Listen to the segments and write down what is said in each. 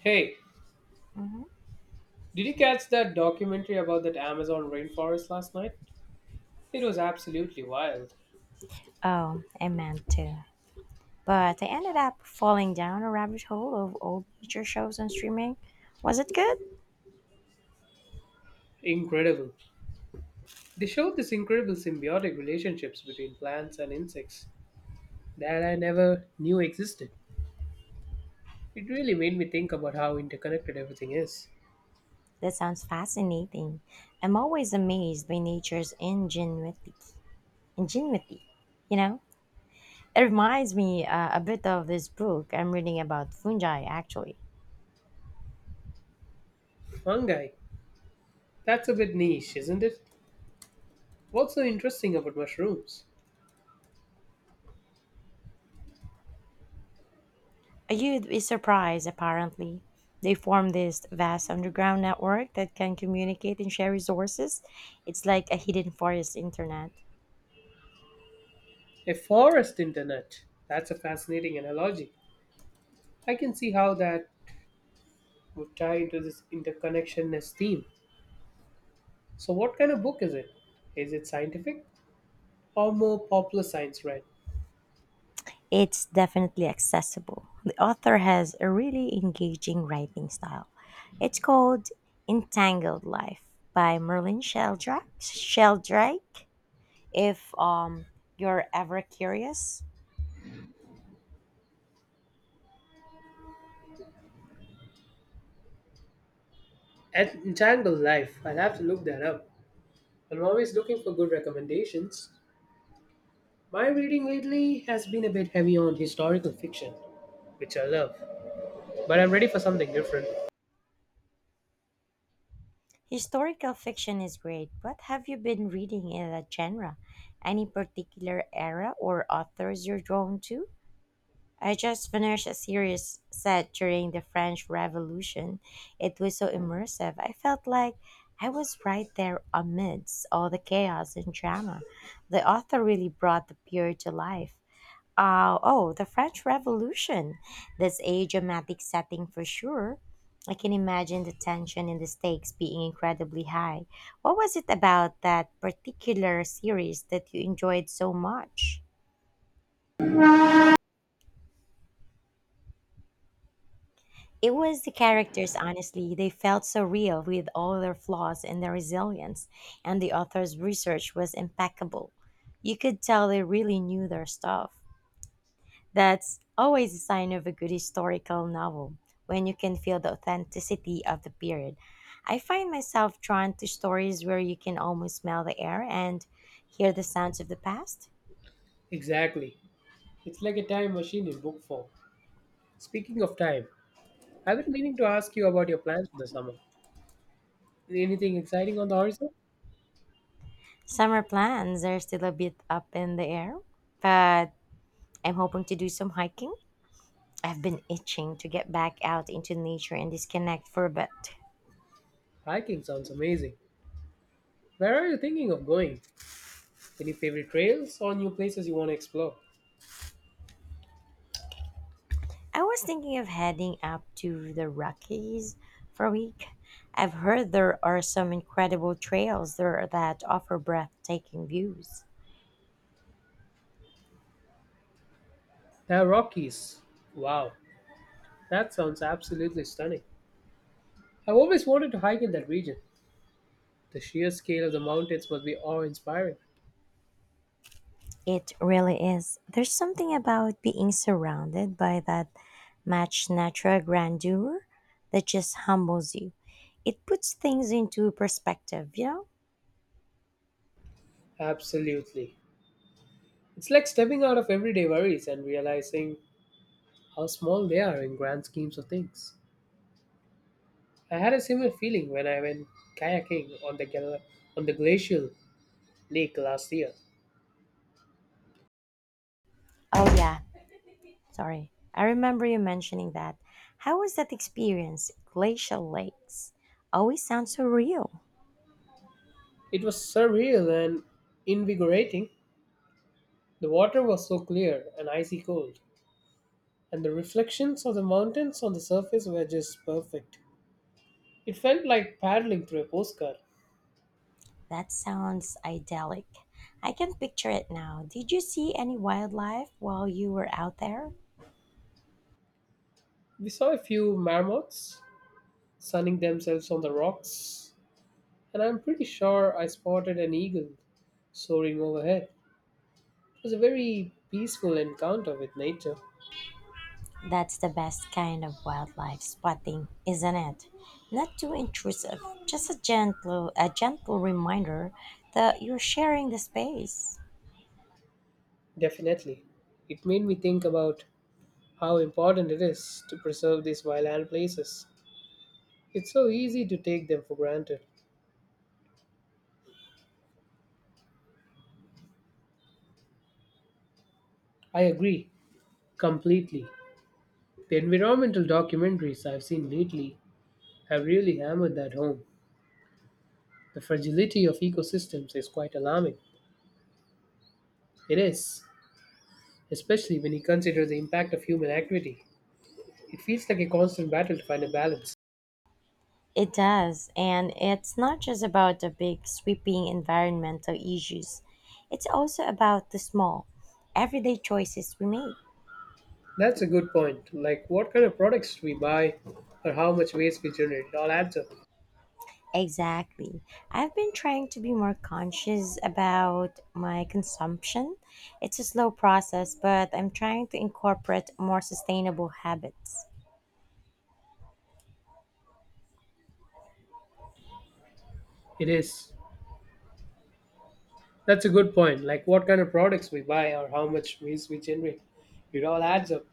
Hey, did you catch that documentary about that Amazon rainforest last night? It was absolutely wild. Oh, I meant to. But I ended up falling down a rabbit hole of old nature shows on streaming. Was it good? Incredible. They showed this incredible symbiotic relationships between plants and insects that I never knew existed. It really made me think about how interconnected everything is. That sounds fascinating. I'm always amazed by nature's ingenuity. Ingenuity, you know? It reminds me a bit of this book I'm reading about fungi, actually. Fungi. That's a bit niche, isn't it? What's so interesting about mushrooms? You'd be surprised, apparently. They form this vast underground network that can communicate and share resources. It's like a hidden forest internet. A forest internet. That's a fascinating analogy. I can see how that would tie into this interconnectionness theme. So, what kind of book is it? Is it scientific or more popular science read? It's definitely accessible. The author has a really engaging writing style. It's called Entangled Life by Merlin Sheldrake. Sheldrake. If you're ever curious, Entangled Life. I'll have to look that up. I'm always looking for good recommendations. My reading lately has been a bit heavy on historical fiction, which I love, but I'm ready for something different. historical fiction is great, but have you been reading in that genre? Any particular era or authors you're drawn to? I just finished a series set during the French Revolution. It was so immersive. I felt like I was right there amidst all the chaos and drama. The author really brought the period to life. Oh, the French Revolution. That's a dramatic setting for sure. I can imagine the tension and the stakes being incredibly high. What was it about that particular series that you enjoyed so much? It was the characters, honestly. They felt so real with all their flaws and their resilience, and the author's research was impeccable. You could tell they really knew their stuff. That's always a sign of a good historical novel, when you can feel the authenticity of the period. I find myself drawn to stories where you can almost smell the air and hear the sounds of the past. Exactly. It's like a time machine in book form. Speaking of time, I've been meaning to ask you about your plans for the summer. Anything exciting on the horizon? Summer plans are still a bit up in the air, but I'm hoping to do some hiking. I've been itching to get back out into nature and disconnect for a bit. Hiking sounds amazing. Where are you thinking of going? Any favorite trails or new places you want to explore? I was thinking of heading up to the Rockies for a week. I've heard there are some incredible trails there that offer breathtaking views. The Rockies. Wow, that sounds absolutely stunning. I've always wanted to hike in that region. The sheer scale of the mountains must be awe inspiring. It really is. There's something about being surrounded by that much natural grandeur that just humbles you. It puts things into perspective, you know? Absolutely. It's like stepping out of everyday worries and realizing how small they are in grand schemes of things. I had a similar feeling when I went kayaking on on the glacial lake last year. Oh, yeah. Sorry. I remember you mentioning that. How was that experience? Glacial lakes always sound so real. It was surreal and invigorating. The water was so clear and icy cold, and the reflections of the mountains on the surface were just perfect. It felt like paddling through a postcard. That sounds idyllic. I can picture it now. Did you see any wildlife while you were out there? We saw a few marmots sunning themselves on the rocks, and I'm pretty sure I spotted an eagle soaring overhead. It was a very peaceful encounter with nature, That's the best kind of wildlife spotting, isn't it? Not too intrusive, just a gentle reminder that you're sharing the space. definitely. It made me think about how important it is to preserve these wildland places. It's so easy to take them for granted. I agree completely. The environmental documentaries I've seen lately have really hammered that home. The fragility of ecosystems is quite alarming. It is, especially when you consider the impact of human activity. It feels like a constant battle to find a balance. It does, and it's not just about the big sweeping environmental issues. It's also about the small, everyday choices we make. That's a good point. Like, what kind of products we buy or how much waste we generate, it all adds up. Exactly. I've been trying to be more conscious about my consumption. It's a slow process, but I'm trying to incorporate more sustainable habits. It is. That's a good point. Like, what kind of products we buy or how much waste we generate, it all adds up.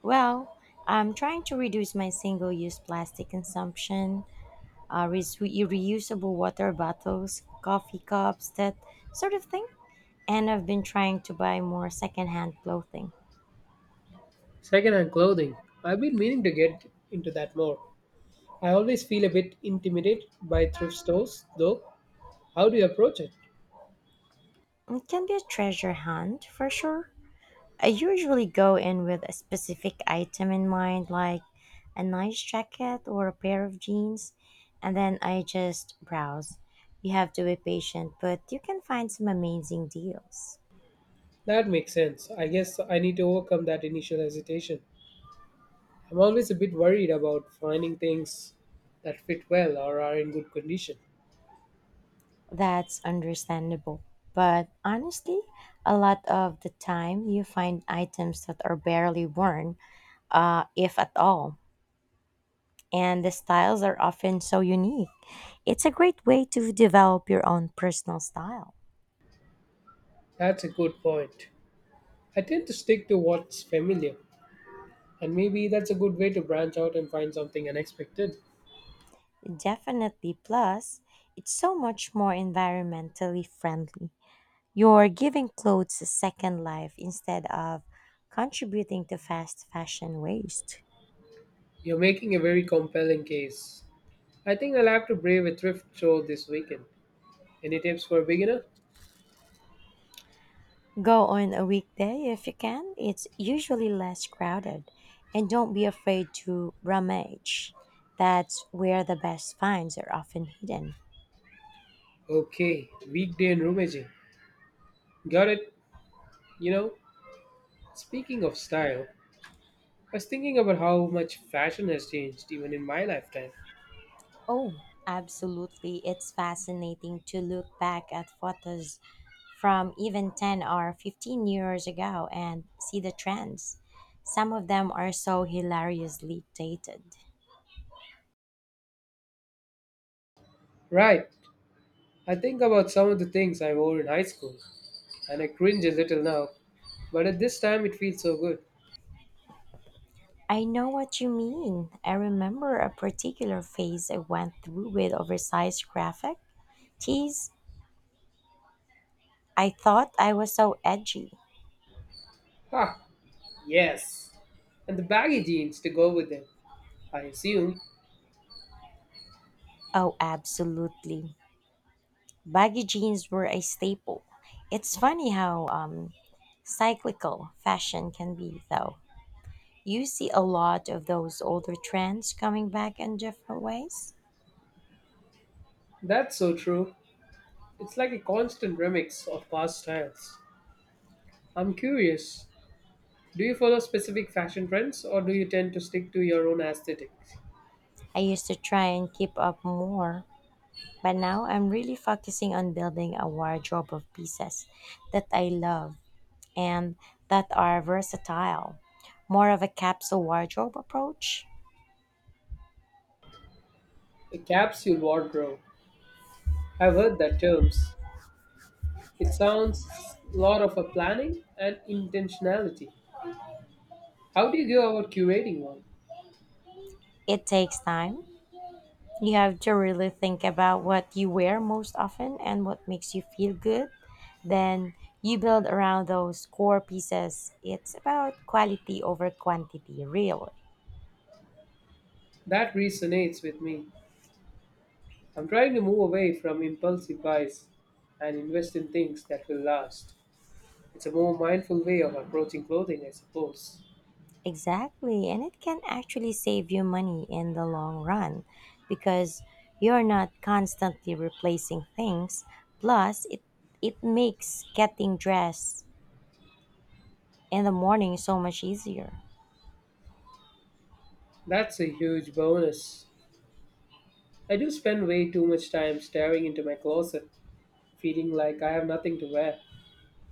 Well, I'm trying to reduce my single use plastic consumption, reusable water bottles, coffee cups, that sort of thing. And I've been trying to buy more secondhand clothing. Secondhand clothing. I've been meaning to get into that more. I always feel a bit intimidated by thrift stores, though. How do you approach it? It can be a treasure hunt for sure. I usually go in with a specific item in mind, like a nice jacket or a pair of jeans, and then I just browse. You have to be patient, but you can find some amazing deals. That makes sense. I guess I need to overcome that initial hesitation. I'm always a bit worried about finding things that fit well or are in good condition. That's understandable. But honestly, a lot of the time you find items that are barely worn, if at all, and the styles are often so unique. It's a great way to develop your own personal style. That's a good point. I tend to stick to what's familiar, and maybe that's a good way to branch out and find something unexpected. Definitely, plus, it's so much more environmentally friendly. You're giving clothes a second life instead of contributing to fast fashion waste. You're making a very compelling case. I think I'll have to brave a thrift show this weekend. Any tips for a beginner? Go on a weekday if you can, it's usually less crowded. And don't be afraid to rummage. That's where the best finds are often hidden. Okay, weekday and rummaging. Got it. You know, speaking of style, I was thinking about how much fashion has changed even in my lifetime. Oh, absolutely. It's fascinating to look back at photos from even 10 or 15 years ago and see the trends. Some of them are so hilariously dated. Right, I think about some of the things I wore in high school, and I cringe a little now, but at this time it feels so good. I know what you mean. I remember a particular phase I went through with oversized graphic tees. I thought I was so edgy. Ha, yes. And the baggy jeans to go with them, I assume. Oh, absolutely. Baggy jeans were a staple. It's funny how cyclical fashion can be, though. You see a lot of those older trends coming back in different ways. That's so true. It's like a constant remix of past styles. I'm curious, do you follow specific fashion trends or do you tend to stick to your own aesthetics? I used to try and keep up more, but now I'm really focusing on building a wardrobe of pieces that I love and that are versatile. More of a capsule wardrobe approach. A capsule wardrobe. I've heard that terms. It sounds a lot of a planning and intentionality. How do you go about curating one? It takes time. You have to really think about what you wear most often and what makes you feel good. Then you build around those core pieces. It's about quality over quantity, really. That resonates with me. I'm trying to move away from impulsive buys and invest in things that will last. It's a more mindful way of approaching clothing, I suppose. Exactly. And it can actually save you money in the long run because you're not constantly replacing things. Plus, it makes getting dressed in the morning so much easier. That's a huge bonus. I do spend way too much time staring into my closet, feeling like I have nothing to wear.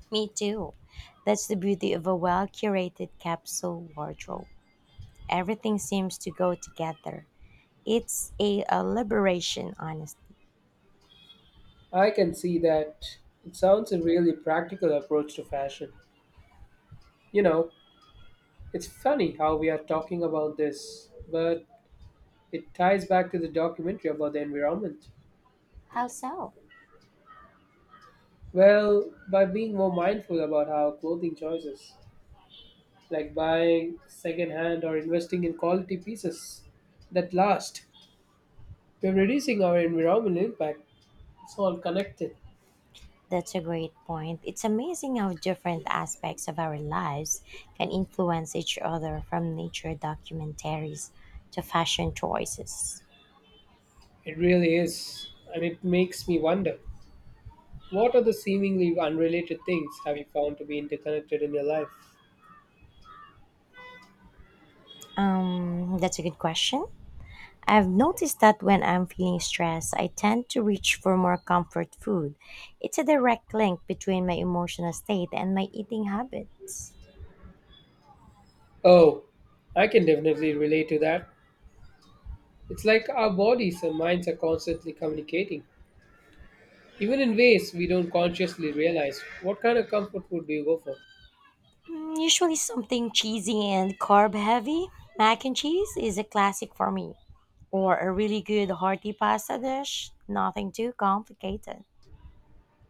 Me too. That's the beauty of a well curated capsule wardrobe. Everything seems to go together. It's a liberation, honestly. I can see that it sounds a really practical approach to fashion. You know, it's funny how we are talking about this, but it ties back to the documentary about the environment. How so? Well, by being more mindful about our clothing choices, like buying secondhand or investing in quality pieces that last, we're reducing our environmental impact. It's all connected. That's a great point. It's amazing how different aspects of our lives can influence each other, from nature documentaries to fashion choices. It really is, and it makes me wonder what are the seemingly unrelated things have you found to be interconnected in your life? That's a good question. I've noticed that when I'm feeling stressed, I tend to reach for more comfort food. It's a direct link between my emotional state and my eating habits. Oh, I can definitely relate to that. It's like our bodies and minds are constantly communicating, even in ways we don't consciously realize. What kind of comfort food do you go for? Usually something cheesy and carb heavy. Mac and cheese is a classic for me. Or a really good hearty pasta dish. Nothing too complicated.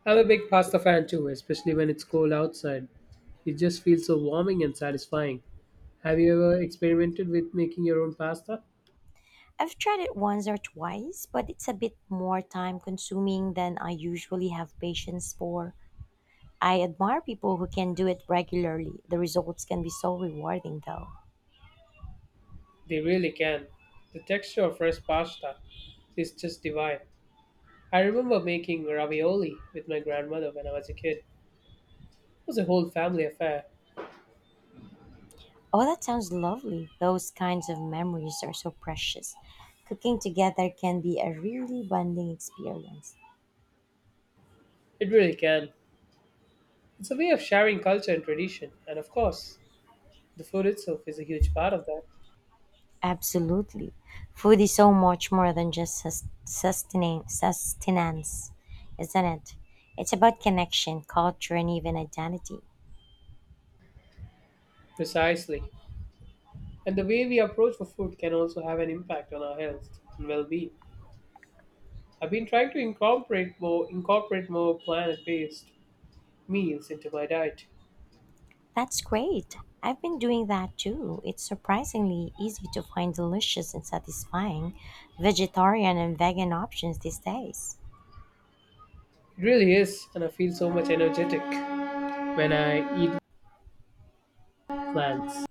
I'm a big pasta fan too, especially when it's cold outside. It just feels so warming and satisfying. Have you ever experimented with making your own pasta? I've tried it once or twice, but it's a bit more time consuming than I usually have patience for. I admire people who can do it regularly. The results can be so rewarding though. They really can. The texture of fresh pasta is just divine. I remember making ravioli with my grandmother when I was a kid. It was a whole family affair. Oh, that sounds lovely. Those kinds of memories are so precious. Cooking together can be a really bonding experience. It really can. It's a way of sharing culture and tradition, and of course, the food itself is a huge part of that. Absolutely. Food is so much more than just sustenance, isn't it? It's about connection, culture, and even identity. Precisely. And the way we approach for food can also have an impact on our health and well-being. I've been trying to incorporate more plant-based meals into my diet. That's great. I've been doing that too. It's surprisingly easy to find delicious and satisfying vegetarian and vegan options these days. It really is, and I feel so much energetic when I eat plants.